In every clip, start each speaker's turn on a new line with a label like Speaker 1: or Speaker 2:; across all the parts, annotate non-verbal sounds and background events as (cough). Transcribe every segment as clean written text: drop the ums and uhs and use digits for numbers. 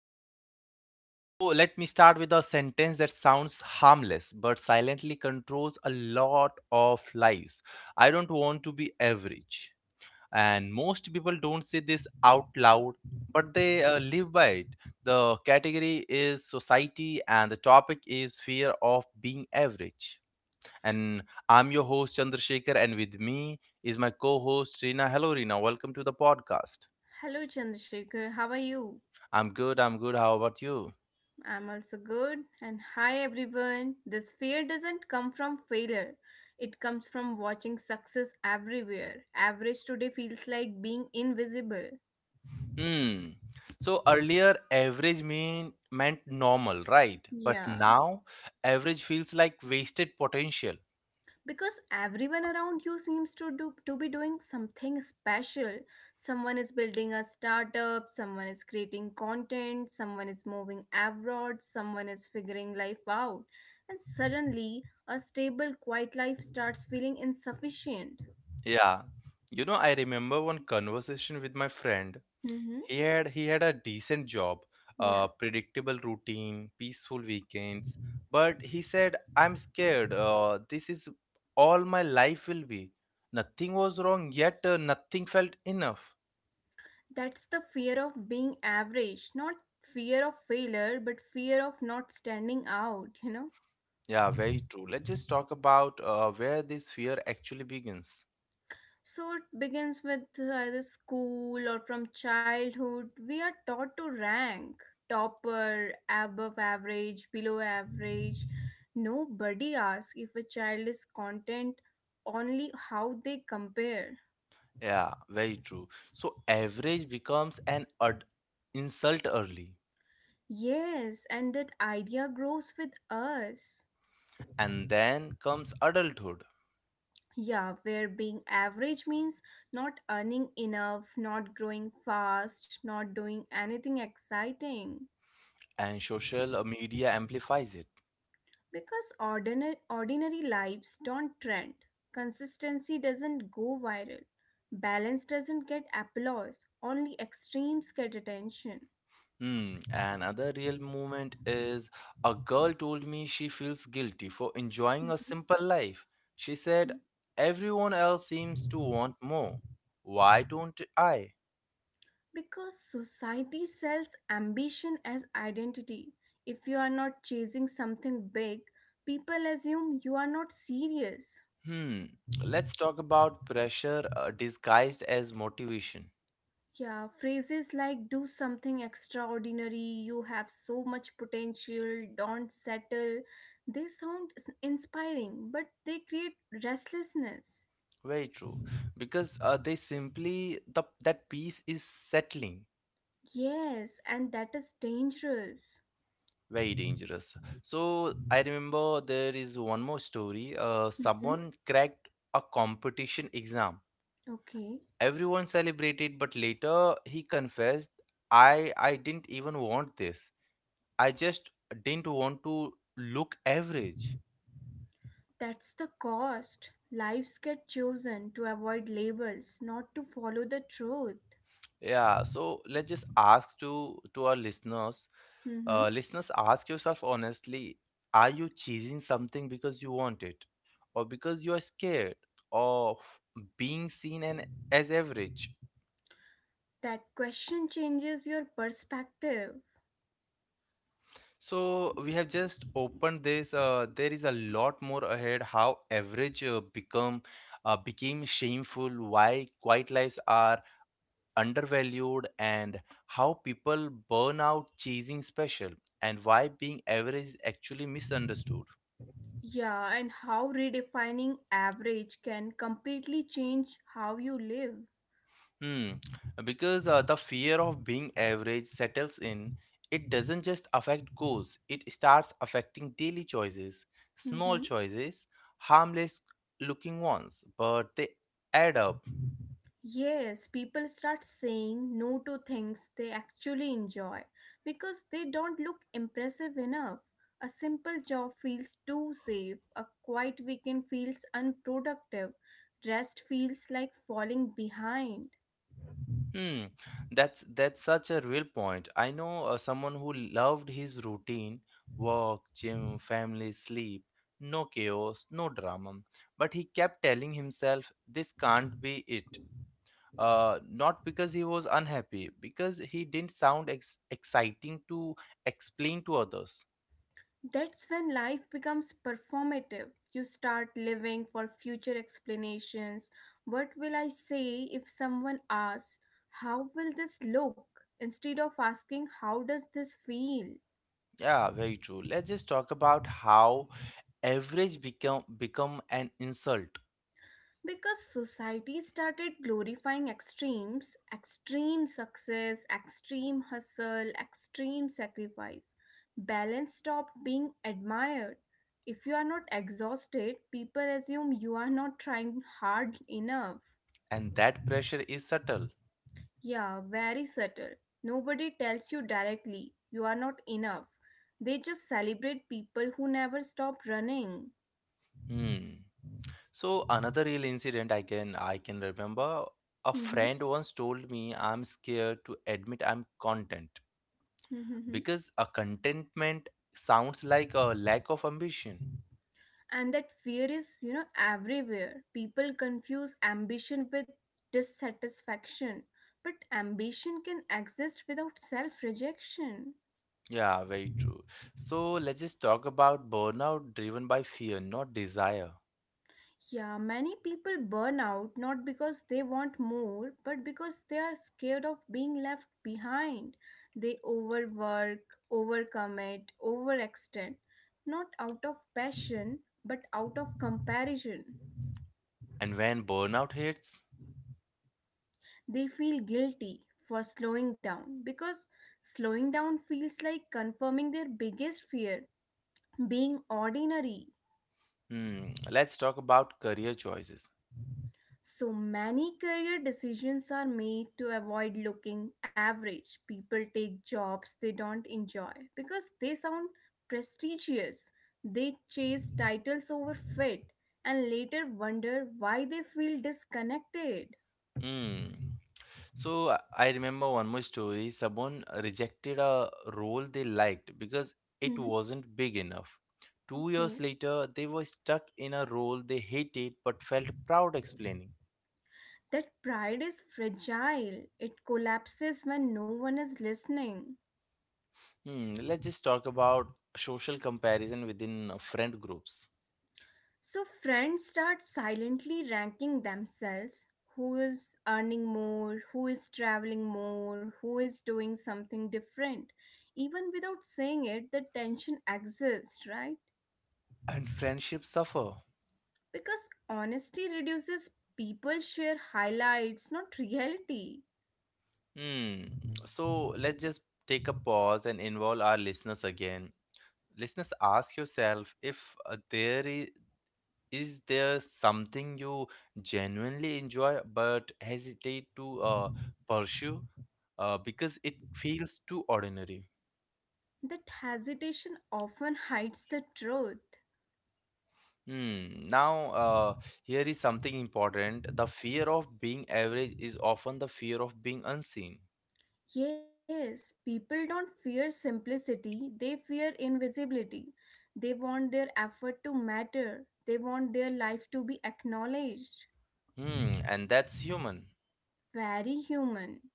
Speaker 1: podcast. So, let me start with a sentence that sounds harmless but silently controls a lot of lives. I don't want to be average. And most people don't say this out loud, but they live by it. The category is society, and the topic is fear of being average. And I'm your host, Chandrasekhar, and with me is my co host, Reena. Hello, Reena. Welcome to the podcast.
Speaker 2: Hello, Chandrasekhar. How are you?
Speaker 1: I'm good, I'm good. How about you?
Speaker 2: I'm also good. And hi, everyone. This fear doesn't come from failure, it comes from watching success everywhere. Average today feels like being invisible.
Speaker 1: Hmm. So earlier, average meant normal, right? But
Speaker 2: Yeah.
Speaker 1: now, average feels like wasted potential.
Speaker 2: Because everyone around you seems to be doing something special. Someone is building a startup, someone is creating content, someone is moving abroad, someone is figuring life out, and suddenly a stable, quiet life starts feeling insufficient.
Speaker 1: Yeah. You know, I remember one conversation with my friend.
Speaker 2: Mm-hmm.
Speaker 1: He had a decent job, a
Speaker 2: Yeah,
Speaker 1: predictable routine, peaceful weekends. But he said, "I'm scared. This is all my life will be." Nothing was wrong, yet nothing felt enough.
Speaker 2: that's the fear of being average, not fear of failure but fear of not standing out,
Speaker 1: Yeah, very true. Let's just talk about where this fear actually begins.
Speaker 2: So it begins with either school or from childhood. We are taught to rank: topper, above average, below average. Nobody asks if a child is content, only how they compare.
Speaker 1: Yeah, very true. So average becomes an insult early,
Speaker 2: Yes, and that idea grows with us.
Speaker 1: and then comes adulthood,
Speaker 2: Yeah, where being average means not earning enough, not growing fast, not doing anything exciting.
Speaker 1: and social media amplifies it.
Speaker 2: Because ordinary lives don't trend, consistency doesn't go viral, balance doesn't get applause, only extremes get attention.
Speaker 1: Hmm. Another real moment is a girl told me she feels guilty for enjoying a
Speaker 2: Mhm.
Speaker 1: simple life. She said, "Everyone else seems to want more. Why don't I?"
Speaker 2: Because society sells ambition as identity. If you are not chasing something big, people assume you are not serious.
Speaker 1: Hmm. Let's talk about pressure disguised as motivation.
Speaker 2: Yeah, phrases like do something extraordinary, you have so much potential, don't settle, they sound inspiring, but they create restlessness.
Speaker 1: Very true. Because they simply the that piece is settling.
Speaker 2: Yes, and that is dangerous.
Speaker 1: Very dangerous. So I remember there is one more story.
Speaker 2: Mhm.
Speaker 1: Someone cracked a competition exam.
Speaker 2: Okay,
Speaker 1: Everyone celebrated, but later he confessed, "I didn't even want this. I just didn't want to look average."
Speaker 2: that's the cost. Lives get chosen to avoid labels, not to follow the truth.
Speaker 1: Yeah, so let's just ask to our listeners,
Speaker 2: Hmm.
Speaker 1: listeners, ask yourself honestly, are you choosing something because you want it, or because you are scared of being seen and as average?
Speaker 2: That question changes your perspective.
Speaker 1: So we have just opened this. There is a lot more ahead. How average become became shameful. Why quiet lives are undervalued and how people burn out chasing special and why being average is actually misunderstood.
Speaker 2: Yeah, and how redefining average can completely change how you live.
Speaker 1: Hmm, because the fear of being average settles in, it doesn't just affect goals, it starts affecting daily choices, small
Speaker 2: Mm-hmm.
Speaker 1: choices, harmless looking ones, but they add up.
Speaker 2: Yes, people start saying no to things they actually enjoy because they don't look impressive enough. A simple job feels too safe, a quiet weekend feels unproductive, rest feels like falling behind.
Speaker 1: Hmm, that's such a real point. I know someone who loved his routine, work, gym, family, sleep, no chaos, no drama. But he kept telling himself, "This can't be it." Not because he was unhappy, because he didn't sound ex exciting to explain to others.
Speaker 2: That's when life becomes performative. You start living for future explanations. What will I say if someone asks, how will this look? Instead of asking, how does this feel?
Speaker 1: Yeah, very true. Let's just talk about how average become an insult,
Speaker 2: Because society started glorifying extremes: extreme success, extreme hustle, extreme sacrifice. Balance stopped being admired. If you are not exhausted, people assume you are not trying hard enough.
Speaker 1: and that pressure is subtle.
Speaker 2: Yeah, very subtle. Nobody tells you directly, you are not enough. They just celebrate people who never stop running.
Speaker 1: Hmm. So another real incident I can remember a
Speaker 2: Mhm,
Speaker 1: friend once told me I'm scared to admit I'm content
Speaker 2: mhm, mhm.
Speaker 1: because a contentment sounds like a lack of ambition.
Speaker 2: And that fear is, you know, everywhere. People confuse ambition with dissatisfaction. But ambition can exist without self rejection.
Speaker 1: Yeah, very true. So let's just talk about burnout driven by fear, not desire.
Speaker 2: Yeah, many people burn out not because they want more, but because they are scared of being left behind. They overwork, overcommit, overextend, not out of passion, but out of comparison.
Speaker 1: And when burnout hits,
Speaker 2: They feel guilty for slowing down, because slowing down feels like confirming their biggest fear: being ordinary.
Speaker 1: hmm, let's talk about career choices.
Speaker 2: So many career decisions are made to avoid looking average. People take jobs they don't enjoy because they sound prestigious. They chase titles over fit and later wonder why they feel disconnected.
Speaker 1: Hmm. So I remember one more story. Someone rejected a role they liked because it
Speaker 2: Mhm.
Speaker 1: wasn't big enough. 2 years
Speaker 2: Okay.
Speaker 1: later, they were stuck in a role they hated but felt proud explaining.
Speaker 2: That pride is fragile. It collapses when no one is listening.
Speaker 1: Hmm, let's just talk about social comparison within friend groups.
Speaker 2: So friends start silently ranking themselves: who is earning more, who is traveling more, who is doing something different. Even without saying it, the tension exists, right?
Speaker 1: And friendships suffer.
Speaker 2: Because honesty reduces, people share highlights, not reality.
Speaker 1: Hmm. So let's just take a pause and involve our listeners again. Listeners, ask yourself if there is there something you genuinely enjoy but hesitate to pursue because it feels too ordinary?
Speaker 2: That hesitation often hides the truth.
Speaker 1: Hmm. Now, here is something important. The fear of being average is often the fear of being unseen.
Speaker 2: Yes, people don't fear simplicity, they fear invisibility. They want their effort to matter, they want their life to be acknowledged.
Speaker 1: Hmm. And that's human.
Speaker 2: Very human.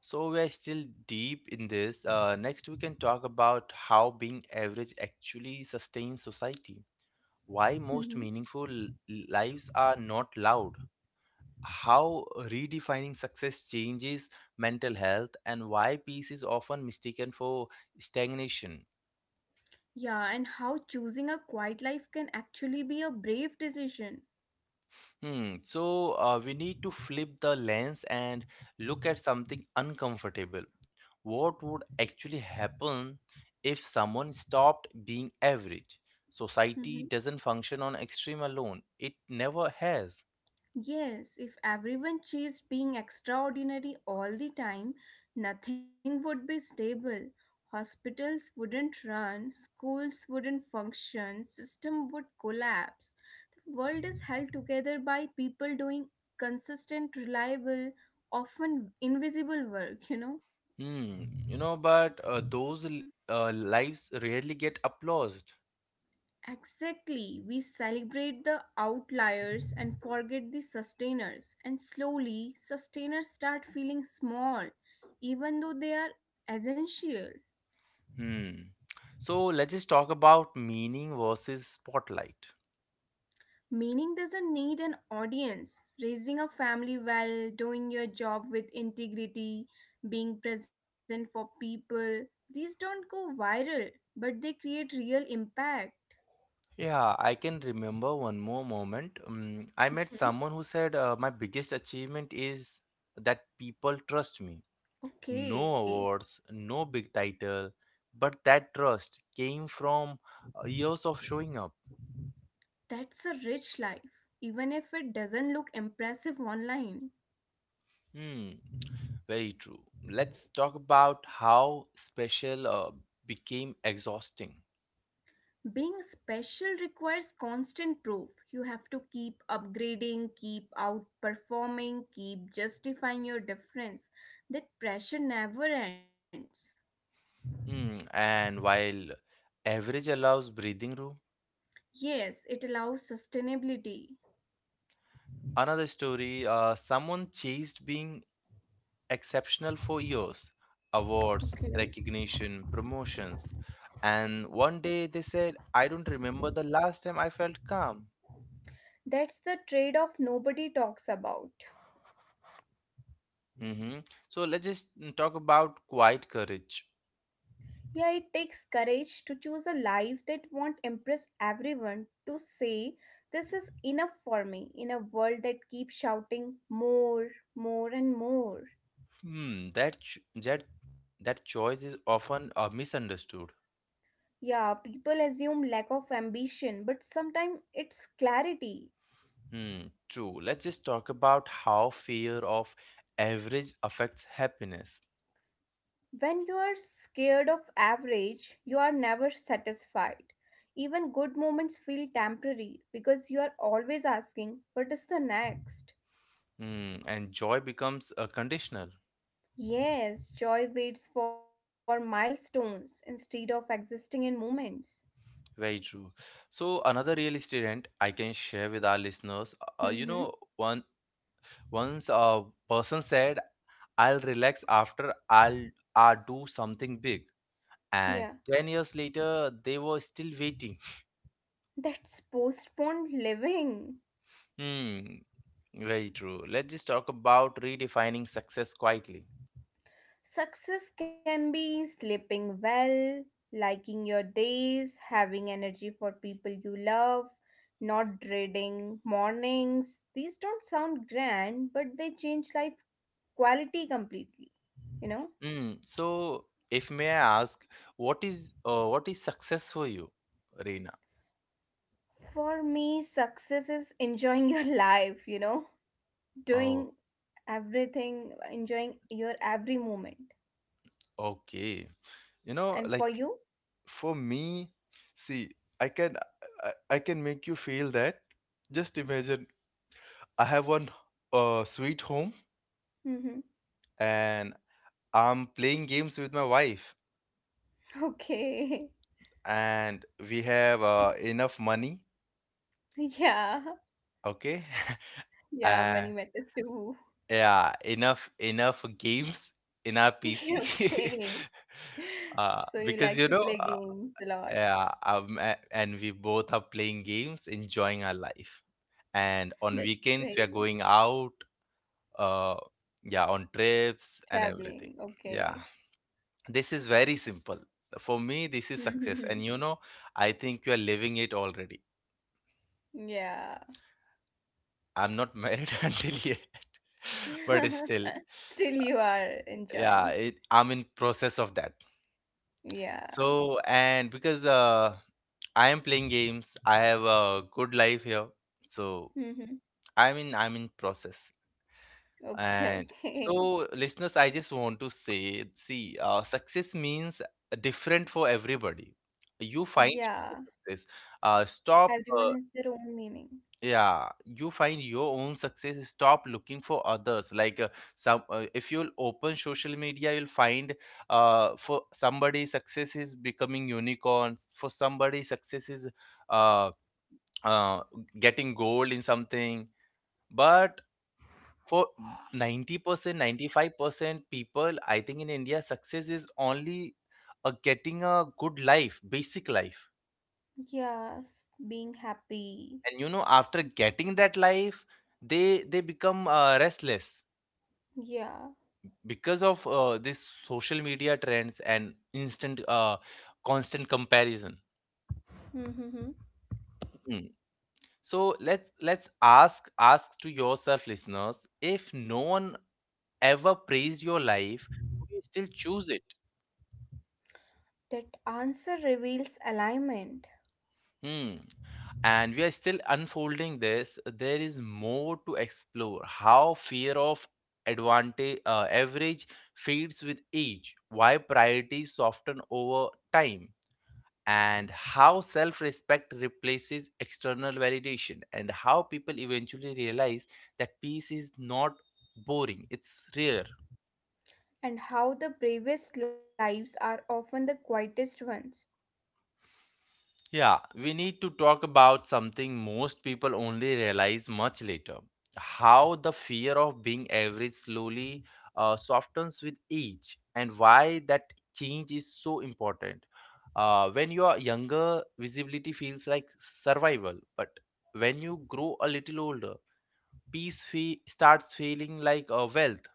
Speaker 1: So we are still deep in this. Next, we can talk about how being average actually sustains society. Why most
Speaker 2: Mhm.
Speaker 1: meaningful lives are not loud, how redefining success changes mental health and why peace is often mistaken for stagnation.
Speaker 2: Yeah, and how choosing a quiet life can actually be a brave decision.
Speaker 1: Hmm. So we need to flip the lens and look at something uncomfortable. What would actually happen if someone stopped being average? Society doesn't function on extreme alone. It never has.
Speaker 2: Yes, if everyone chased being extraordinary all the time, nothing would be stable. Hospitals wouldn't run, schools wouldn't function, system would collapse. The world is held together by people doing consistent, reliable, often invisible work, you know?
Speaker 1: Hmm. You know, but lives rarely get applauded.
Speaker 2: Exactly. We celebrate the outliers and forget the sustainers. And slowly, sustainers start feeling small, even though they are essential.
Speaker 1: Hmm. So let's just talk about meaning versus spotlight.
Speaker 2: Meaning doesn't need an audience. Raising a family well, doing your job with integrity, being present for people, these don't go viral, but they create real impact.
Speaker 1: Yeah, I can remember one more moment. I met
Speaker 2: Mhm.
Speaker 1: someone who said, my biggest achievement is that people trust me. No
Speaker 2: Okay,
Speaker 1: awards, no big title, but that trust came from years of showing up.
Speaker 2: that's a rich life, even if it doesn't look impressive online.
Speaker 1: Hmm, very true. Let's talk about how special became exhausting.
Speaker 2: Being special requires constant proof. You have to keep upgrading, keep outperforming, keep justifying your difference. That pressure never ends.
Speaker 1: Hmm, and while average allows breathing room,
Speaker 2: Yes, it allows sustainability.
Speaker 1: another story, someone chased being exceptional for years,
Speaker 2: Okay.
Speaker 1: awards, recognition, promotions. And one day they said, I don't remember the last time I felt calm.
Speaker 2: That's the trade off nobody talks about.
Speaker 1: Hmm. So let's just talk about quiet courage.
Speaker 2: Yeah, it takes courage to choose a life that won't impress everyone, to say, this is enough for me, in a world that keeps shouting more, more, and more.
Speaker 1: Hmm, that choice is often misunderstood.
Speaker 2: Yeah, people assume lack of ambition, but sometimes it's clarity.
Speaker 1: Hmm, true. Let's just talk about how fear of average affects happiness.
Speaker 2: When you are scared of average, you are never satisfied. Even good moments feel temporary because you are always asking, what is the next?
Speaker 1: Hmm, and joy becomes conditional.
Speaker 2: Yes, joy waits for milestones instead of existing in moments.
Speaker 1: Very true. So another real estate rent I can share with our listeners. You know,
Speaker 2: Mm-hmm.
Speaker 1: one once a person said, "I'll relax after I'll I do something big,"
Speaker 2: Yeah,
Speaker 1: and 10 years later they were still waiting.
Speaker 2: that's postponed living.
Speaker 1: Hmm. Very true. Let's just talk about redefining success quietly.
Speaker 2: Success can be sleeping well, liking your days, having energy for people you love, not dreading mornings. These don't sound grand, but they change life quality completely, you know?
Speaker 1: Hmm. So, if may I ask, what is success for you, Reena?
Speaker 2: For me, success is enjoying your (laughs) life, you know?
Speaker 1: Oh,
Speaker 2: Doing everything, enjoying your every moment.
Speaker 1: okay. You
Speaker 2: And
Speaker 1: know,
Speaker 2: for you?
Speaker 1: like for me, see, I can I can make you feel that. Just imagine I have one sweet home
Speaker 2: Mm-hmm.
Speaker 1: and I'm playing games with my wife
Speaker 2: Okay. (laughs)
Speaker 1: and we have enough money,
Speaker 2: Yeah.
Speaker 1: okay? (laughs)
Speaker 2: Yeah,
Speaker 1: Uh,
Speaker 2: money matters too.
Speaker 1: yeah, enough games in our PC.
Speaker 2: (laughs)
Speaker 1: (laughs)
Speaker 2: Okay. So you like
Speaker 1: Because
Speaker 2: to
Speaker 1: you know,
Speaker 2: play
Speaker 1: uh,
Speaker 2: games a lot.
Speaker 1: yeah, um, a- and we both are playing games, enjoying our life. And on
Speaker 2: That's
Speaker 1: weekends, we are
Speaker 2: great.
Speaker 1: going out, uh, yeah, on trips and everything.
Speaker 2: Traveling.
Speaker 1: Yeah,
Speaker 2: Okay.
Speaker 1: this is very simple. For me, this is success.
Speaker 2: Mm-hmm.
Speaker 1: And you know, I think you are living it already.
Speaker 2: Yeah.
Speaker 1: I'm not married (laughs) until yet, (laughs) but still,
Speaker 2: (laughs) Still you are
Speaker 1: yeah,
Speaker 2: enjoying.
Speaker 1: it, I'm in process of that.
Speaker 2: Yeah.
Speaker 1: So, and because I am playing games, I have a good life here. So,
Speaker 2: Mm-hmm.
Speaker 1: I mean, I'm in process.
Speaker 2: Okay,
Speaker 1: And
Speaker 2: okay.
Speaker 1: so, listeners, I just want to say, see, success means different for everybody. You find
Speaker 2: Yeah.
Speaker 1: your success. Stop.
Speaker 2: Everyone has their own meaning.
Speaker 1: Yeah, you find your own success. Stop looking for others. Like if you'll open social media, you'll find, for somebody success is becoming unicorns. For somebody success is uh, uh, getting gold in something. But for 90% 95% people I think in India success is only a getting a good life, basic life,
Speaker 2: Yes, being
Speaker 1: and
Speaker 2: happy.
Speaker 1: you know, after getting that life, they become restless
Speaker 2: Yeah.
Speaker 1: because of this social media trends and instant constant comparison.
Speaker 2: Mm-hmm.
Speaker 1: Mm. So let's ask ask to yourself, listeners, if no one ever praised your life, would you still choose it?
Speaker 2: That answer reveals alignment.
Speaker 1: Hmm. And we are still unfolding this. There is more to explore: how fear of advantage average fades with age, why priorities soften over time, and how self-respect replaces external validation, and how people eventually realize that peace is not boring, it's rare.
Speaker 2: And how the bravest lives are often the quietest ones.
Speaker 1: Yeah, we need to talk about something most people only realize much later. How the fear of being average slowly softens with age, and why that change is so important. When you are younger, visibility feels like survival, but when you grow a little older, starts feeling like a wealth.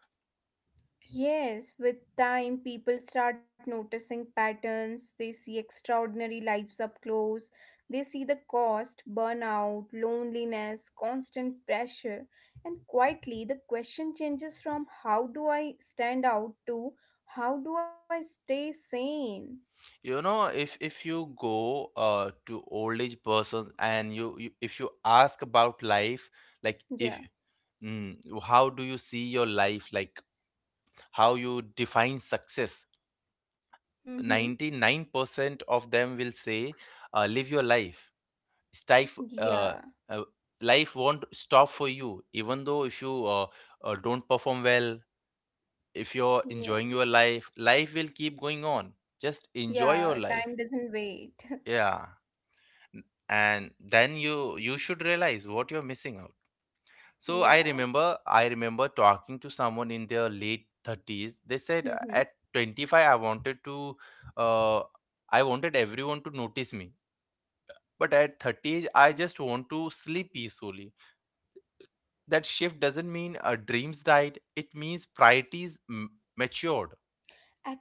Speaker 2: Yes, with time, people start noticing patterns. They see extraordinary lives up close. They see the cost: burnout, loneliness, constant pressure. And quietly, the question changes from how do I stand out to how do I stay sane?
Speaker 1: You know, if you go to old age persons and you if you ask about life, like if,
Speaker 2: Yeah.
Speaker 1: mm, how do you see your life, like how you define success,
Speaker 2: Mm-hmm.
Speaker 1: 99% of them will say, live your life. Stife, uh,
Speaker 2: Yeah.
Speaker 1: uh, Life won't stop for you, even though if you don't perform well, if you're enjoying
Speaker 2: Yeah.
Speaker 1: your life, life will keep going on. Just enjoy
Speaker 2: Yeah.
Speaker 1: your
Speaker 2: Time
Speaker 1: life.
Speaker 2: doesn't wait.
Speaker 1: Yeah. And then you should realize what you're missing out. So i
Speaker 2: (laughs) Yeah.
Speaker 1: remember i remember talking to someone in their late 30s. They said, At
Speaker 2: Mm-hmm.
Speaker 1: 25 uh, I wanted everyone to notice me, but at 30 I just want to sleep peacefully. That shift doesn't mean dreams died, it means matured."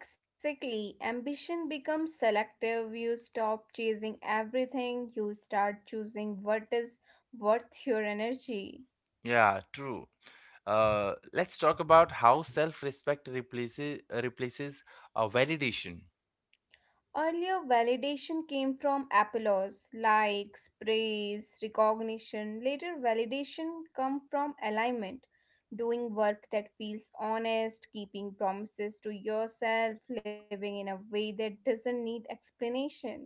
Speaker 2: Exactly. Ambition becomes selective. You stop chasing everything. You start choosing what is worth your energy.
Speaker 1: Yeah, true. Let's talk about how self-respect replaces validation.
Speaker 2: Earlier, validation came from applause, likes, praise, recognition. Later, validation come from alignment, doing work that feels honest, keeping promises to yourself, living in a way that doesn't need explanation.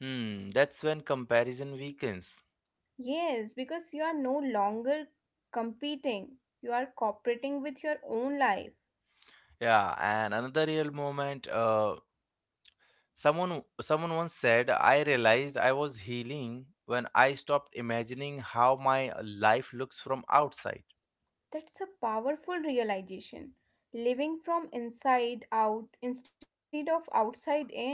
Speaker 1: Hmm, that's when comparison weakens.
Speaker 2: Yes, because you are no longer competing, you are cooperating with your own life.
Speaker 1: Yeah, and another real moment. Someone once said, "I realized I was healing when I stopped imagining how my life looks from outside."
Speaker 2: That's a powerful realization. Living from inside out instead of outside in.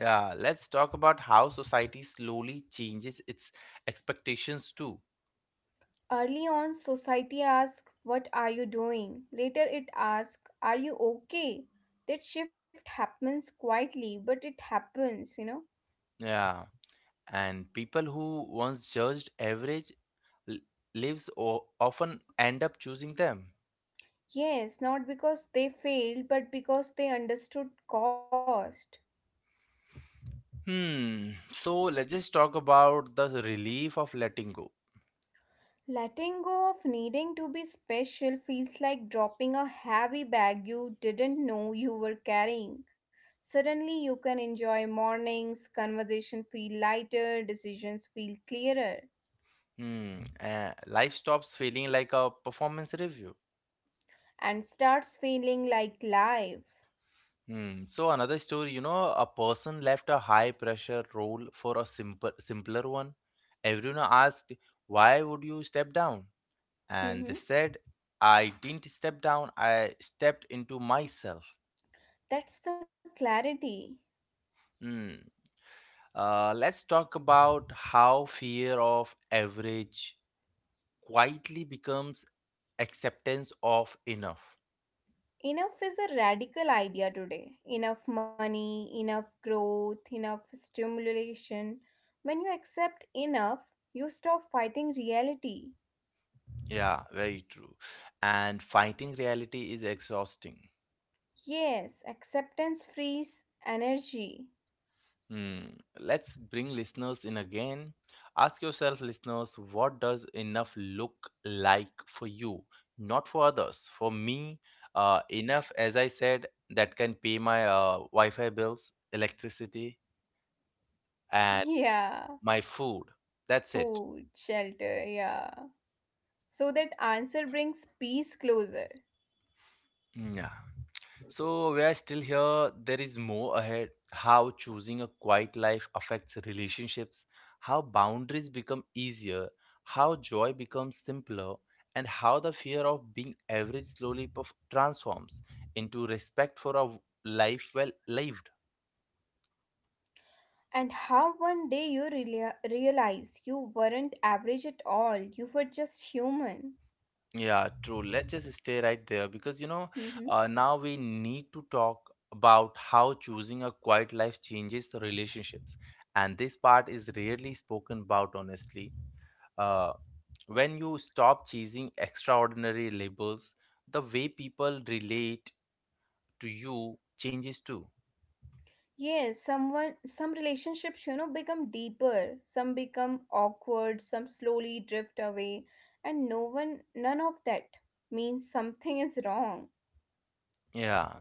Speaker 1: Yeah, let's talk about how society slowly changes its expectations too.
Speaker 2: Early on, society asks, what are you doing? Later, it asks, are you okay? That shift happens quietly, but it happens, you know.
Speaker 1: Yeah, and people who once judged l- lives often end up choosing them.
Speaker 2: Yes, not because they failed, but because they understood cost.
Speaker 1: Hmm. So let's just talk about the relief of letting go.
Speaker 2: Letting go of needing to be special feels like dropping a heavy bag you didn't know you were carrying. Suddenly, you can enjoy mornings, conversation feel lighter, decisions feel clearer,
Speaker 1: Hmm. Life stops feeling like a performance review.
Speaker 2: and starts feeling like life.
Speaker 1: Hmm. So another story, you know, a person left a high pressure role for simpler one. Everyone asked, "Why would you step down?" And they
Speaker 2: Hmm.
Speaker 1: said, "I didn't step down. I stepped into myself."
Speaker 2: That's the clarity.
Speaker 1: Hmm. Let's talk about how fear of average quietly becomes acceptance of enough.
Speaker 2: Enough is a radical idea today. Enough money, enough growth, enough stimulation. When you accept enough, you stop fighting reality.
Speaker 1: Yeah, very true. And fighting reality is exhausting.
Speaker 2: Yes, acceptance frees energy.
Speaker 1: Hmm. Let's bring listeners in again. Ask yourself, listeners, what does enough look like for you? Not for others. For me, enough, as I said, that can pay my Wi Fi bills, electricity,
Speaker 2: (laughs)
Speaker 1: and
Speaker 2: Yeah,
Speaker 1: my food. That's it.
Speaker 2: food, shelter, yeah. So that answer brings peace closer.
Speaker 1: Hmm, yeah. So we are still here. There is more ahead. How choosing a quiet life affects relationships, how boundaries become easier, how joy becomes simpler, and how the fear of being average slowly transforms into respect for a life well lived.
Speaker 2: And how one day you realize you weren't average at all, you were just human.
Speaker 1: Yeah, true. Let's just stay right there because
Speaker 2: Mm-hmm.
Speaker 1: now we need to talk about how choosing a quiet life changes the relationships, and this part is rarely spoken about honestly, uh, when you stop chasing extraordinary labels, the way people relate to you changes too.
Speaker 2: Yes, some relationships, you know, become deeper, some become awkward, some slowly drift away, and none of that means something is wrong.
Speaker 1: Yeah,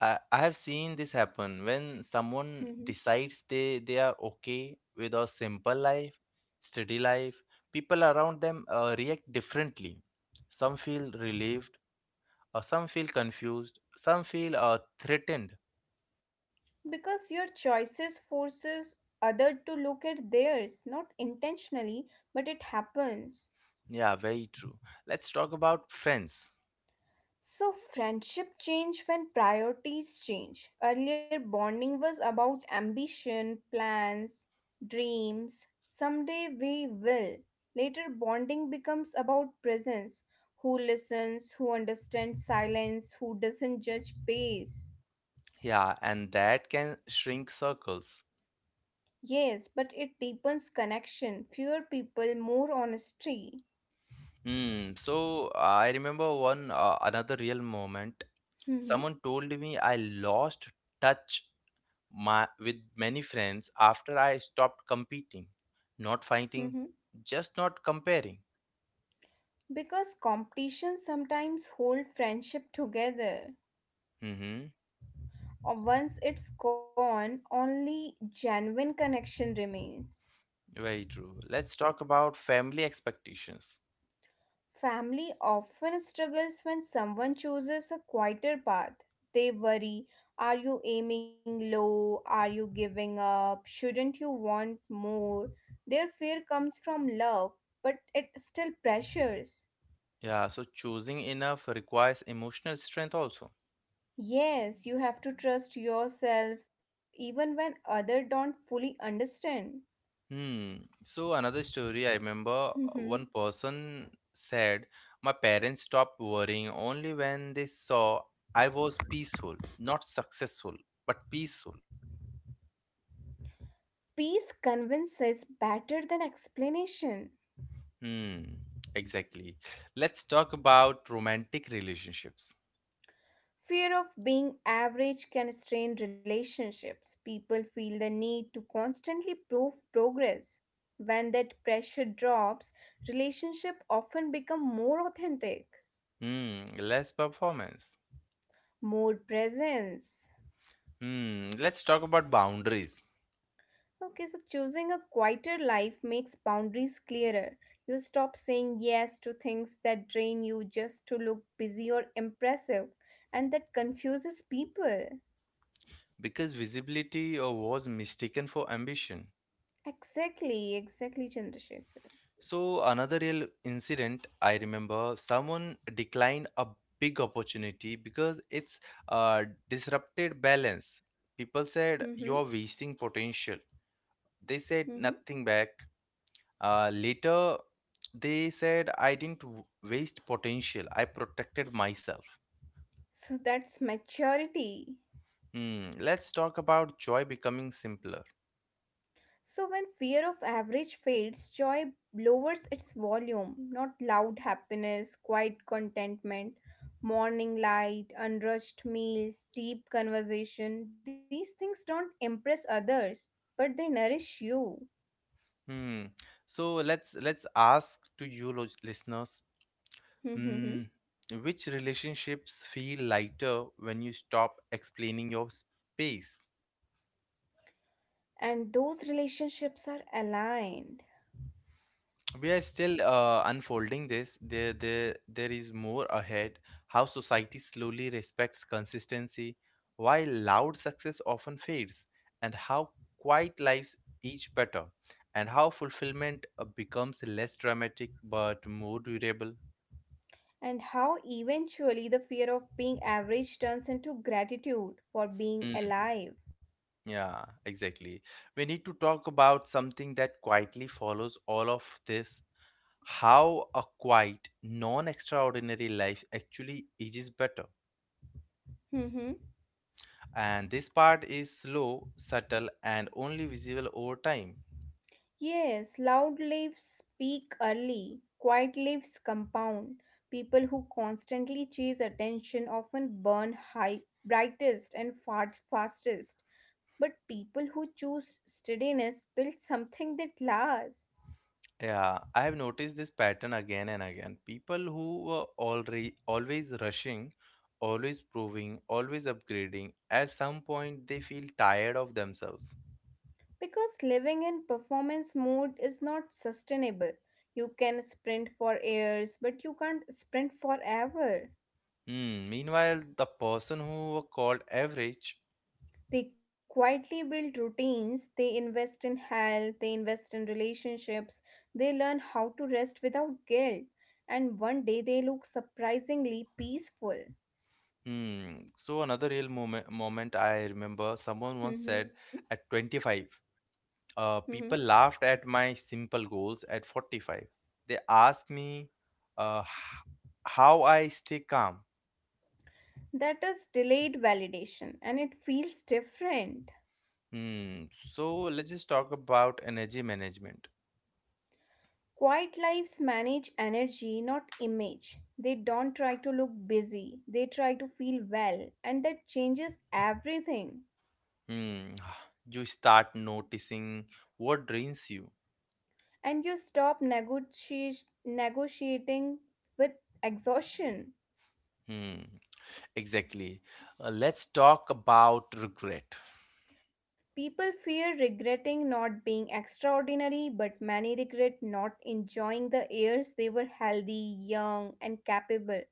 Speaker 1: I have seen this happen when someone
Speaker 2: (laughs)
Speaker 1: decides they are okay with a simple life, steady life. People around them react differently. Some feel relieved, or some feel confused, some feel threatened.
Speaker 2: Because your choices forces other to look at theirs, not intentionally, but it happens.
Speaker 1: Yeah, very true. Let's talk about friends.
Speaker 2: So friendship change when priorities change. Earlier bonding was about ambition, plans, dreams, someday we will. Later bonding becomes about presence, who listens, who understands silence, who doesn't judge pace.
Speaker 1: Yeah, and that can shrink circles.
Speaker 2: Yes, but it deepens connection, fewer people, more honesty.
Speaker 1: Hmm. So I remember one, another real moment.
Speaker 2: Mm-hmm.
Speaker 1: Someone told me I lost touch my with many friends after I stopped competing, not fighting,
Speaker 2: Mm-hmm.
Speaker 1: just not comparing.
Speaker 2: Because competition sometimes hold friendship together.
Speaker 1: Mm-hmm.
Speaker 2: Or once it's gone, only genuine connection remains.
Speaker 1: Very true. Let's talk about family expectations.
Speaker 2: Family often struggles when someone chooses a quieter path. They worry, are you aiming low? Are you giving up? Shouldn't you want more? Their fear comes from love, but it still pressures.
Speaker 1: Yeah, so choosing enough requires emotional strength also.
Speaker 2: Yes, you have to trust yourself even when others don't fully understand.
Speaker 1: Hmm. So another story I remember,
Speaker 2: Mhm.
Speaker 1: one person said, my parents stopped worrying only when they saw I was peaceful, not successful, but peaceful.
Speaker 2: Peace convinces better than explanation.
Speaker 1: Hmm. Exactly. Let's talk about romantic relationships.
Speaker 2: Fear of being average can strain relationships. People feel the need to constantly prove progress. When that pressure drops, relationships often become more authentic,
Speaker 1: Hmm. Less performance.
Speaker 2: more presence.
Speaker 1: Hmm. Let's talk about boundaries,
Speaker 2: Okay, so choosing a quieter life makes boundaries clearer. You stop saying yes to things that drain you just to look busy or impressive, and that confuses people.
Speaker 1: because visibility was mistaken for ambition.
Speaker 2: Exactly, exactly, Chandrasekhar.
Speaker 1: So another real incident I remember, someone declined a big opportunity because it's disrupted balance. People said
Speaker 2: Mm-hmm,
Speaker 1: you're wasting potential. They said
Speaker 2: mm-hmm.
Speaker 1: nothing back. Later, they said I didn't waste potential. I protected myself.
Speaker 2: So that's maturity.
Speaker 1: Hmm. Let's talk about joy becoming simpler.
Speaker 2: So, when fear of average fades, joy lowers its volume, not loud happiness, quiet contentment, morning light, unrushed meals, deep conversation. These things don't impress others, but they nourish you.
Speaker 1: Hmm. So let's ask to you listeners,
Speaker 2: (laughs) And
Speaker 1: mm, which relationships feel lighter when you stop explaining your space?
Speaker 2: those relationships are aligned.
Speaker 1: We are still, unfolding this. There is more ahead. How society slowly respects consistency, while loud success often fades, and how quiet lives each better, and how fulfillment becomes less dramatic but more durable.
Speaker 2: And how eventually the fear of being average turns into gratitude for being
Speaker 1: Mm,
Speaker 2: alive.
Speaker 1: yeah, exactly. We need to talk about something that quietly follows all of this, how a quiet, non extraordinary life actually ages better.
Speaker 2: (laughs)
Speaker 1: And this part is slow, subtle, and only visible over time.
Speaker 2: Yes, loud leaves speak early, quiet leaves compound. People who constantly chase attention often burn high, brightest and far, fastest. But people who choose steadiness build something that lasts.
Speaker 1: Yeah, I have noticed this pattern again and again. People who were already always rushing, always proving, always upgrading, at some point they feel tired of themselves.
Speaker 2: Because living in performance mode is not sustainable. You can sprint for years, but you can't sprint forever.
Speaker 1: Hmm, meanwhile, the person who were called average.
Speaker 2: They quietly build routines, they invest in health, they invest in relationships, they learn how to rest without guilt, and one day they look surprisingly peaceful.
Speaker 1: Hmm. So another real moment I remember someone once said
Speaker 2: Hmm.
Speaker 1: at 25.
Speaker 2: Hmm.
Speaker 1: People laughed at my simple goals at 45. They asked me, uh, h- how I stay calm.
Speaker 2: That is delayed validation, and it feels different.
Speaker 1: Hmm. So let's just talk about energy management.
Speaker 2: Quiet lives manage energy, not image. They don't try to look busy, they try to feel well, and that changes everything.
Speaker 1: Hmm. (sighs) You start noticing what drains you.
Speaker 2: And you stop negotiating with exhaustion.
Speaker 1: Hmm. Exactly. Let's talk about regret.
Speaker 2: People fear regretting not being extraordinary, but many regret not enjoying the years they were healthy, young, and capable.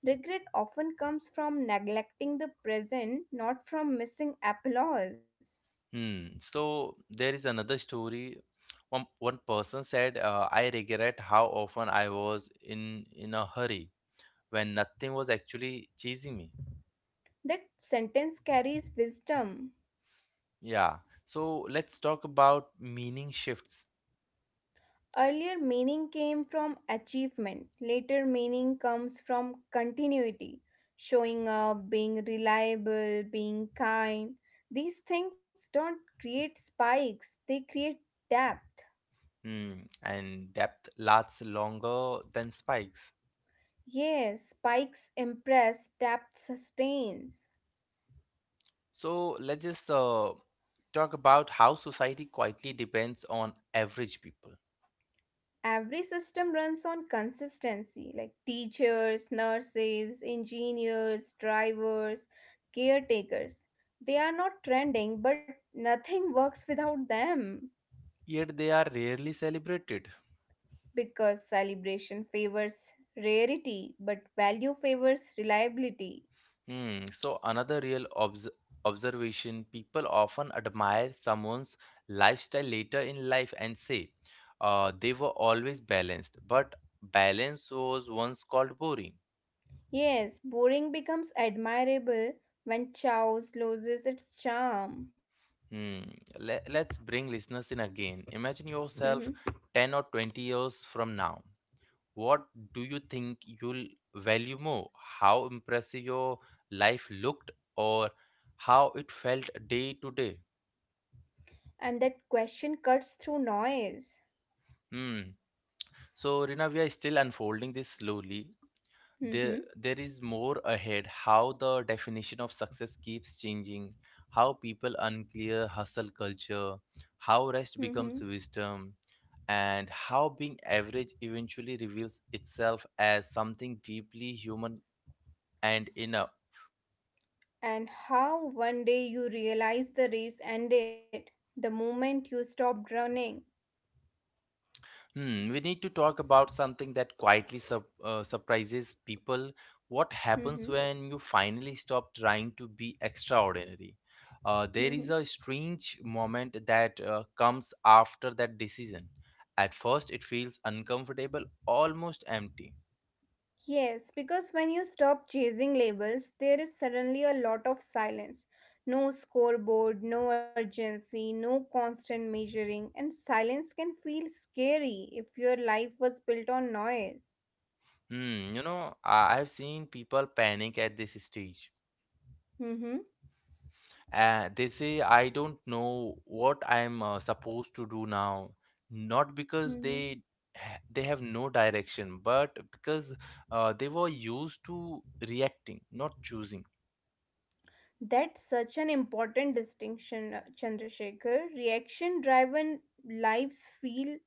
Speaker 2: Regret often comes from neglecting the present, not from missing applause.
Speaker 1: Hmm. So there is another story. One person said, I regret how often I was in a hurry when nothing was actually chasing me.
Speaker 2: That sentence carries wisdom.
Speaker 1: Yeah. So let's talk about meaning shifts.
Speaker 2: Earlier meaning came from achievement, later meaning comes from continuity, showing up, being reliable, being kind. These things don't create spikes, they create depth.
Speaker 1: Hmm. And depth lasts longer than spikes.
Speaker 2: Yes, spikes impress, depth sustains.
Speaker 1: So let's just, talk about how society quietly depends on average people,
Speaker 2: Every system runs on consistency, like teachers, nurses, engineers, drivers, caretakers. They are not trending, but nothing (laughs) works without them.
Speaker 1: yet they are rarely celebrated.
Speaker 2: Because celebration favors rarity, but value favors reliability.
Speaker 1: Hmm. So another real observation, people often admire someone's lifestyle later in life and say, they were always balanced, but balance was once called boring.
Speaker 2: Yes, boring becomes admirable when chaos loses its charm.
Speaker 1: Hmm. Let's bring listeners in again. Imagine
Speaker 2: Mhm.
Speaker 1: yourself 10 or 20 years from now. What do you think you'll value more? How impressive your life looked or how it felt day to day?
Speaker 2: And that question cuts through noise.
Speaker 1: Hmm. So, Rina, we are still unfolding this slowly.
Speaker 2: Hmm.
Speaker 1: There is more ahead. How the definition of success keeps changing, how people unclear hustle culture, how rest becomes wisdom, and how being average eventually reveals itself as something deeply human and inner.
Speaker 2: And how one day you realize the race ended the moment you stopped running.
Speaker 1: Hmm, we need to talk about something that quietly surprises people. What
Speaker 2: Mhm,
Speaker 1: happens when you finally stop trying to be extraordinary? There
Speaker 2: mhm.
Speaker 1: is a strange moment that comes after that decision. At first, it feels uncomfortable, almost empty.
Speaker 2: Yes, because when you stop chasing labels, there is suddenly a lot of silence. No scoreboard, no urgency, no constant measuring, and silence can feel scary if your life was built on noise.
Speaker 1: Hmm, you know, I have seen people panic at this stage.
Speaker 2: Mhm,
Speaker 1: They say, I don't know what I'm, supposed to do now. Not because
Speaker 2: mhm.
Speaker 1: they they have no direction, but because they were used to reacting, not choosing.
Speaker 2: That's such an important distinction, Chandrasekhar. Reaction driven lives feel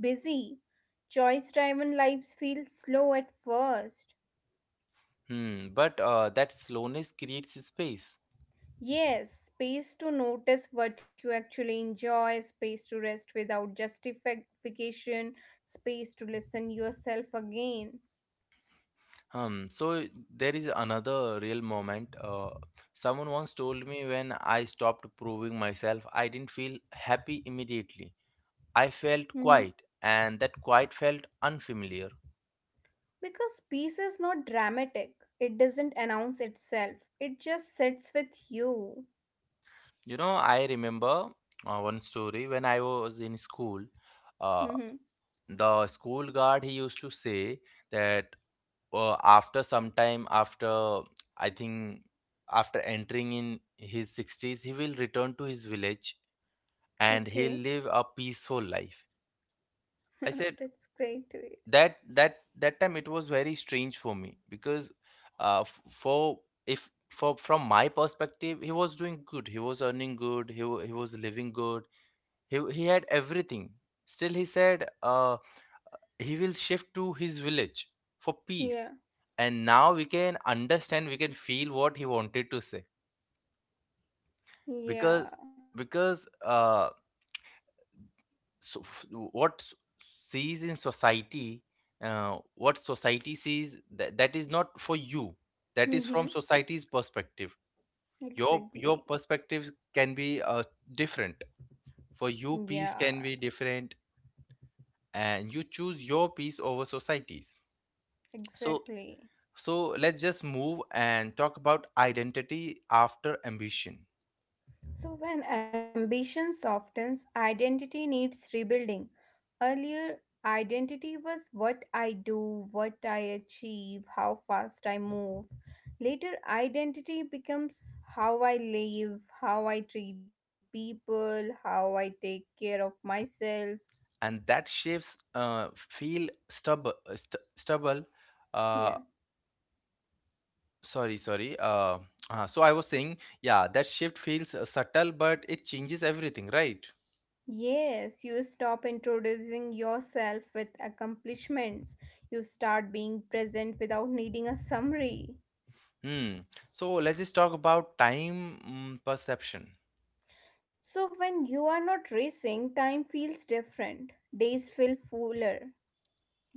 Speaker 2: busy, choice driven lives feel slow at first.
Speaker 1: Hmm, but that slowness creates space.
Speaker 2: Yes, space to notice what you actually enjoy, space to rest without justification, space to listen yourself again.
Speaker 1: So there is another real moment. Someone once told me when I stopped proving myself, I didn't feel happy immediately. I felt
Speaker 2: Mhm.
Speaker 1: quiet, and that quiet felt unfamiliar.
Speaker 2: Because peace is not dramatic, it doesn't announce itself, it just sits with you.
Speaker 1: You know, I remember, one story when I was in school. Uh,
Speaker 2: Mhm.
Speaker 1: the school guard he used to say that, after some time, after I think after entering in his 60s, he will return to his village and
Speaker 2: Okay.
Speaker 1: he'll live a peaceful life. I
Speaker 2: (laughs)
Speaker 1: said,
Speaker 2: That's great to
Speaker 1: that time it was very strange for me because for if for from my perspective he was doing good, he was earning good, he, he was living good, he had everything, still he said he will shift to his village for peace.
Speaker 2: hear.
Speaker 1: And now we can understand, we can feel what he wanted to say.
Speaker 2: Yeah,
Speaker 1: because
Speaker 2: yeah,
Speaker 1: because so what sees in society, what society sees that, that is not for you. That is from
Speaker 2: mm-hmm.
Speaker 1: society's perspective. Your
Speaker 2: Exactly.
Speaker 1: perspective can be different. For you peace can
Speaker 2: Yeah,
Speaker 1: be different, and you choose your peace over society's. So,
Speaker 2: exactly.
Speaker 1: so let's just move and talk about identity after ambition.
Speaker 2: So, when ambition softens, identity needs rebuilding. Earlier, identity was what I do, what I achieve, how fast I move. Later, identity becomes how I live, how I treat people, how I take care of myself.
Speaker 1: And that shapes, stubble, uh,
Speaker 2: Yeah.
Speaker 1: sorry, sorry. So I was saying, yeah, that shift feels subtle, but it changes everything, right?
Speaker 2: Yes, you stop introducing yourself with accomplishments. You start being present without needing a summary.
Speaker 1: Hmm. So let's just talk about time, mm, perception.
Speaker 2: So, when you are not racing, time feels different. Days feel fuller.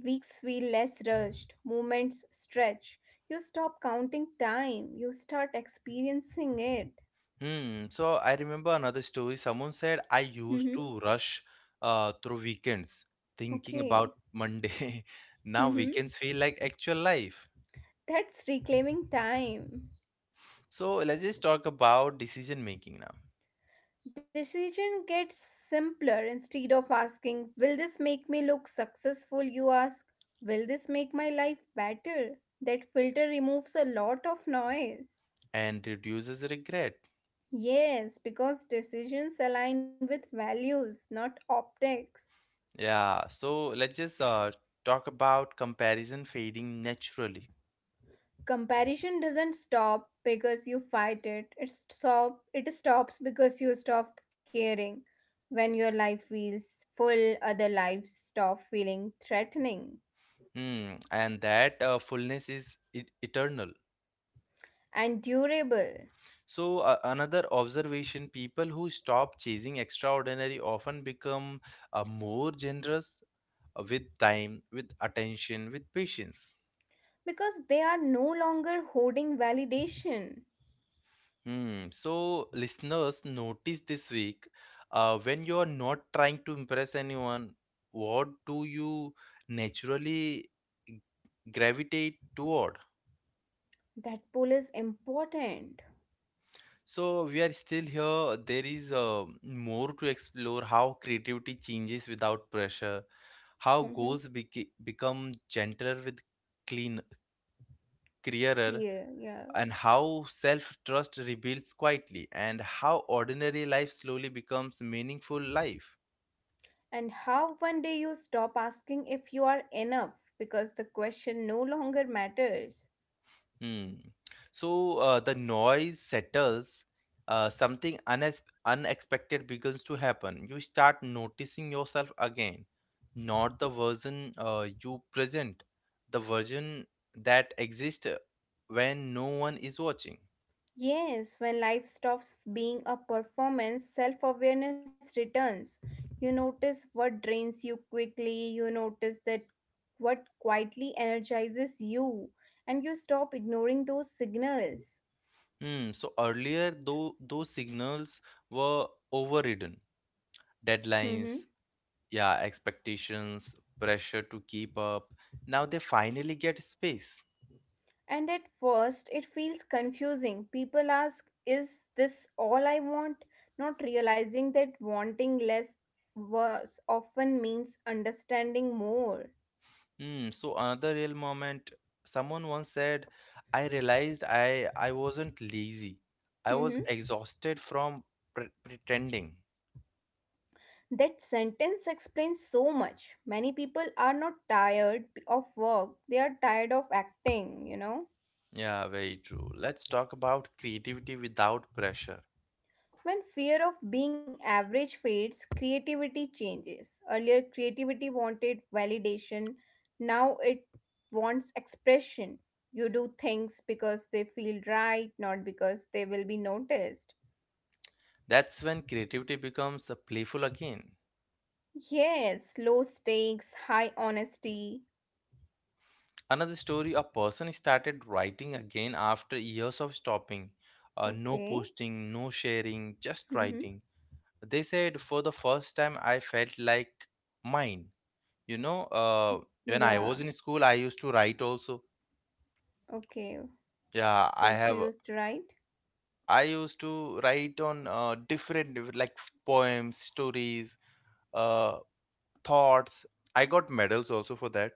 Speaker 2: Weeks feel less rushed. Moments stretch. You stop counting time. You start experiencing it.
Speaker 1: Hmm. So I remember another story. Someone said I
Speaker 2: Mm-hmm.
Speaker 1: used to rush through weekends, thinking
Speaker 2: Okay.
Speaker 1: about Monday. (laughs) Now
Speaker 2: Mm-hmm.
Speaker 1: weekends feel like actual life.
Speaker 2: That's reclaiming time.
Speaker 1: So let's just talk about decision making now,
Speaker 2: Decision gets simpler. Instead of asking, will this make me look successful? You ask, will this make my life better? That filter removes a lot of noise.
Speaker 1: and reduces regret.
Speaker 2: Yes, because decisions align with values, not optics.
Speaker 1: Yeah, so let's just, talk about comparison fading naturally.
Speaker 2: Comparison doesn't stop because you fight it. It stop it stops because you stop caring. When your life feels full, other lives stop feeling threatening
Speaker 1: Hmm, and that fullness is eternal.
Speaker 2: and durable.
Speaker 1: So, another observation, people who stop chasing extraordinary often become, more generous, with time, with attention, with patience.
Speaker 2: Because they are no longer hoarding validation.
Speaker 1: Hmm, so, listeners, notice this week, when you're not trying to impress anyone, what do you naturally gravitate toward?
Speaker 2: That pull is important.
Speaker 1: So we are still here. There is, more to explore, how creativity changes without pressure, how
Speaker 2: Hmm.
Speaker 1: goals become gentler with clean, clearer,
Speaker 2: Clear, yeah.
Speaker 1: and how self trust rebuilds quietly, and how ordinary life slowly becomes meaningful life.
Speaker 2: And how one day you stop asking if you are enough because the question no longer matters.
Speaker 1: Hmm. So the noise settles, something unexpected begins to happen. You start noticing yourself again, not the version you present, the version that exists when no one is watching.
Speaker 2: Yes, when life stops being a performance, self awareness returns. You notice what drains you quickly, you notice that what quietly energizes you, and you stop ignoring those signals.
Speaker 1: Hmm. So earlier, though, those signals were overridden.
Speaker 2: Mm-hmm.
Speaker 1: Deadlines, yeah, expectations, pressure to keep up. Now they finally get space.
Speaker 2: And at first, it feels confusing. People ask, is this all I want? Not realizing that wanting less was often means understanding more.
Speaker 1: Hmm. So another real moment, someone once said, I realized I wasn't lazy. I was
Speaker 2: Mhm.
Speaker 1: exhausted from pretending.
Speaker 2: That sentence explains so much. Many people are not tired of work, they are tired of acting.
Speaker 1: Yeah, very true. Let's talk about creativity without pressure.
Speaker 2: When fear of being average fades, creativity changes. Earlier, creativity wanted validation, now it wants expression. You do things because they feel right, not because they will be noticed.
Speaker 1: That's when creativity becomes, playful again.
Speaker 2: Yes, low stakes, high honesty.
Speaker 1: Another story, a person started writing again after years of stopping. No
Speaker 2: Okay.
Speaker 1: posting, no sharing, just writing.
Speaker 2: Mm-hmm.
Speaker 1: They said, for the first time, I felt like mine. You know, when I
Speaker 2: Yeah.
Speaker 1: was in school, I used to write also.
Speaker 2: Okay.
Speaker 1: Yeah, I
Speaker 2: What you
Speaker 1: have.
Speaker 2: used to write?
Speaker 1: I used to write on, different like poems, stories, uh, thoughts. I got medals also for that.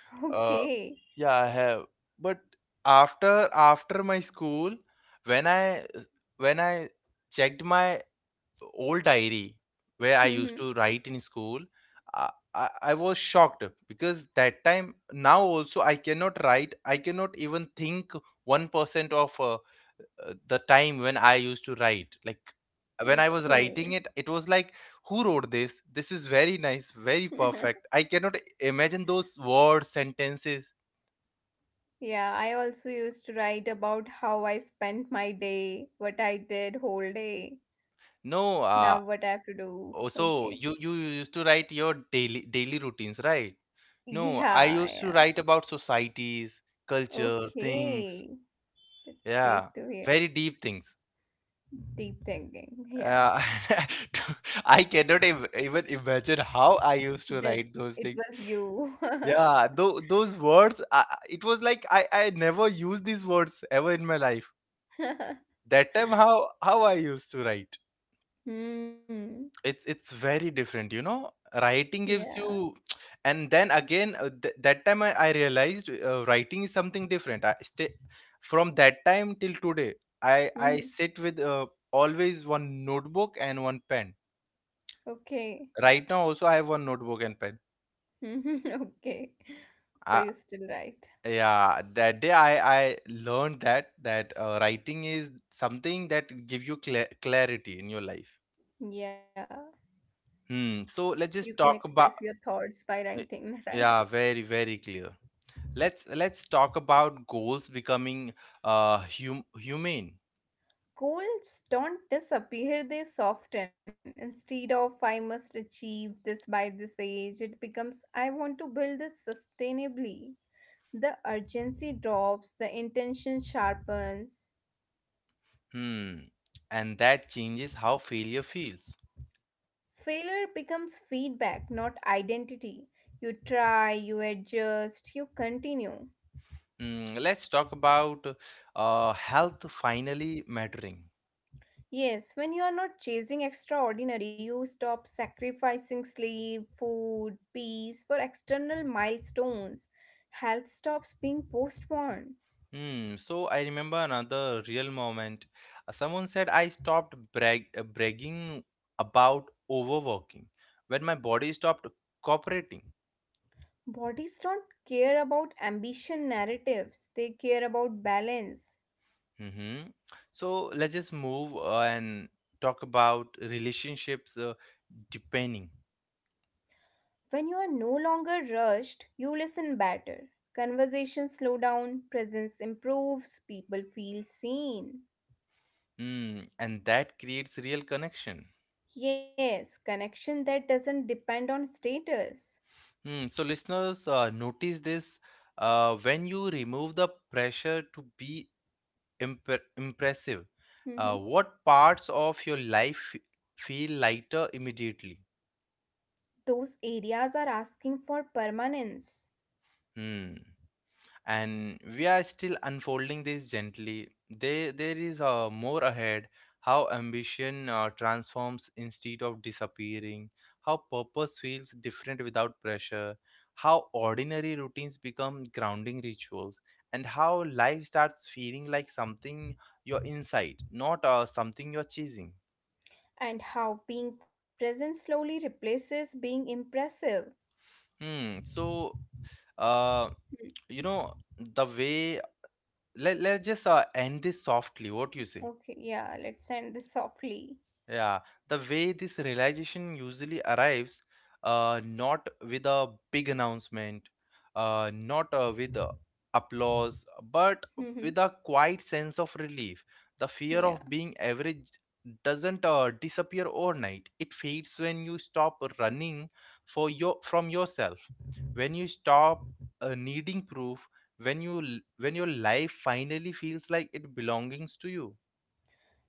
Speaker 2: (laughs)
Speaker 1: Uh,
Speaker 2: Okay.
Speaker 1: yeah, I have. But after my school, when I checked my old diary where I
Speaker 2: Mm-hmm.
Speaker 1: used to write in school, I was shocked because that time now also I cannot write. I cannot even think 1% of, the time when I used to write. Like when I was writing
Speaker 2: Okay.
Speaker 1: it, it was like, who wrote this? This is very nice, very
Speaker 2: (laughs)
Speaker 1: perfect. I cannot imagine those words, sentences.
Speaker 2: Yeah, I also used to write about how I spent my day, what I did whole day,
Speaker 1: No,
Speaker 2: now what I have to do.
Speaker 1: Oh, so
Speaker 2: Okay. (laughs)
Speaker 1: you used to write your daily routines, right? No, I
Speaker 2: Yeah,
Speaker 1: used to
Speaker 2: yeah.
Speaker 1: write about societies, culture, things.
Speaker 2: Okay. That's
Speaker 1: Yeah,
Speaker 2: great to hear.
Speaker 1: very deep things.
Speaker 2: Deep thinking.
Speaker 1: Uh,
Speaker 2: Yeah.
Speaker 1: (laughs) to- I cannot ev even imagine how I used to
Speaker 2: That
Speaker 1: write those
Speaker 2: it
Speaker 1: things.
Speaker 2: was you. (laughs)
Speaker 1: Yeah, tho those words, it was like I never used these words ever in my life. That time, how I used to write.
Speaker 2: Hmm.
Speaker 1: It's very different, you know, writing gives
Speaker 2: Yeah.
Speaker 1: you. And then again, that time, I realized, writing is something different. I stay from that time till today I
Speaker 2: Hmm.
Speaker 1: sit with, always one notebook and one pen.
Speaker 2: Okay.
Speaker 1: Right now also I have one notebook and pen.
Speaker 2: (laughs) Okay. So
Speaker 1: I,
Speaker 2: you still write.
Speaker 1: yeah, that day I learned that writing is something that give you clarity in your life.
Speaker 2: Yeah.
Speaker 1: Hmm. So
Speaker 2: You
Speaker 1: let's
Speaker 2: can
Speaker 1: just talk
Speaker 2: express your
Speaker 1: about,
Speaker 2: thoughts by
Speaker 1: eh,
Speaker 2: writing, (laughs) right?
Speaker 1: yeah, very very clear. Let's talk about goals becoming, humane.
Speaker 2: Goals don't disappear, they soften. Instead of I must achieve this by this age, it becomes I want to build this sustainably. The urgency drops, the intention sharpens.
Speaker 1: Hmm, and that changes how failure feels.
Speaker 2: Failure becomes feedback, not identity. You try, you adjust, you continue.
Speaker 1: Hmm, let's talk about, health finally mattering.
Speaker 2: Yes, when you are not chasing extraordinary, you stop sacrificing sleep, food, peace for external milestones. Health stops being postponed.
Speaker 1: Hmm, so I remember another real moment. Someone said I stopped bragging about overworking when my body stopped cooperating.
Speaker 2: Bodies don't care about ambition narratives, they care about balance.
Speaker 1: Hmm, so let's just move, and talk about relationships, depending.
Speaker 2: When you are no longer rushed, you listen better. Conversations slow down, presence improves, people feel seen.
Speaker 1: Mm, and that creates real connection.
Speaker 2: Yes, connection that doesn't depend on status.
Speaker 1: Hmm. So listeners, notice this, when you remove the pressure to be impressive, what
Speaker 2: Mm-hmm.
Speaker 1: parts of your life feel lighter immediately?
Speaker 2: Those areas are asking for permanence,
Speaker 1: Hmm. And we are still unfolding this gently. There is, more ahead. How ambition transforms instead of disappearing, how purpose feels different without pressure, how ordinary routines become grounding rituals, and how life starts feeling like something you're inside, not something you're chasing.
Speaker 2: and how being present slowly replaces being impressive.
Speaker 1: Hmm. Uh
Speaker 2: Hmm.
Speaker 1: you know the way, let, let's just, end this softly, what do you say?
Speaker 2: Okay, yeah, let's end this softly.
Speaker 1: Yeah, the way this realization usually arrives, not with a big announcement, not with applause, but
Speaker 2: Hmm.
Speaker 1: with a quiet sense of relief. The fear
Speaker 2: Yeah.
Speaker 1: of being average doesn't disappear overnight. It fades when you stop running for your from yourself, when you stop, needing proof, when you when your life finally feels like it belongs to you.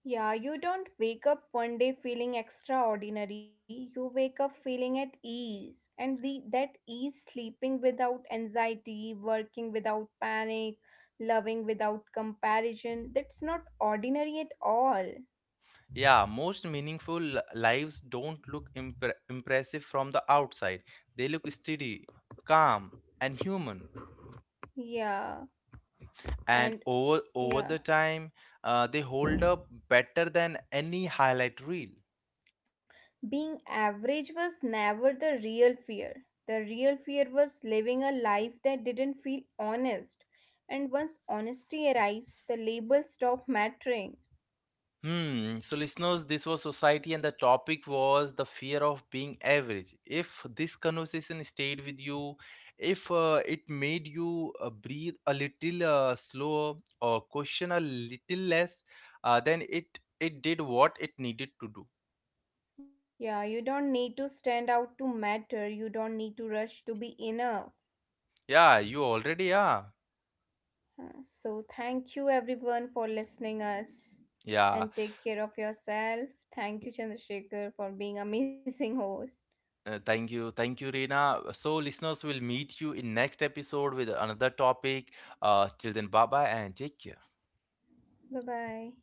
Speaker 2: Yeah, you don't wake up one day feeling extraordinary. You wake up feeling at ease. And the that ease sleeping without anxiety, working without panic, loving without comparison, that's not ordinary at all.
Speaker 1: Yeah, most meaningful lives don't look impressive from the outside. They look steady, calm, and human.
Speaker 2: Yeah.
Speaker 1: And
Speaker 2: And
Speaker 1: over the
Speaker 2: yeah.
Speaker 1: time, they hold up better than any highlight reel.
Speaker 2: Being average was never the real fear. The real fear was living a life that didn't feel honest. And once honesty arrives, the labels stop mattering.
Speaker 1: Hmm. So, listeners, this was society, and the topic was the fear of being average. If this conversation stayed with you, if it made you, breathe a little, slower, or question a little less, then it did what it needed to do.
Speaker 2: Yeah, you don't need to stand out to matter. You don't need to rush to be enough.
Speaker 1: Yeah, you already are.
Speaker 2: So thank you everyone for listening us
Speaker 1: Yeah.
Speaker 2: and take care of yourself. Thank you Chandrasekhar for being amazing (laughs) host.
Speaker 1: Thank you, Reena. So, listeners, will meet you in next episode with another topic. Till then, bye bye and take care.
Speaker 2: Bye bye.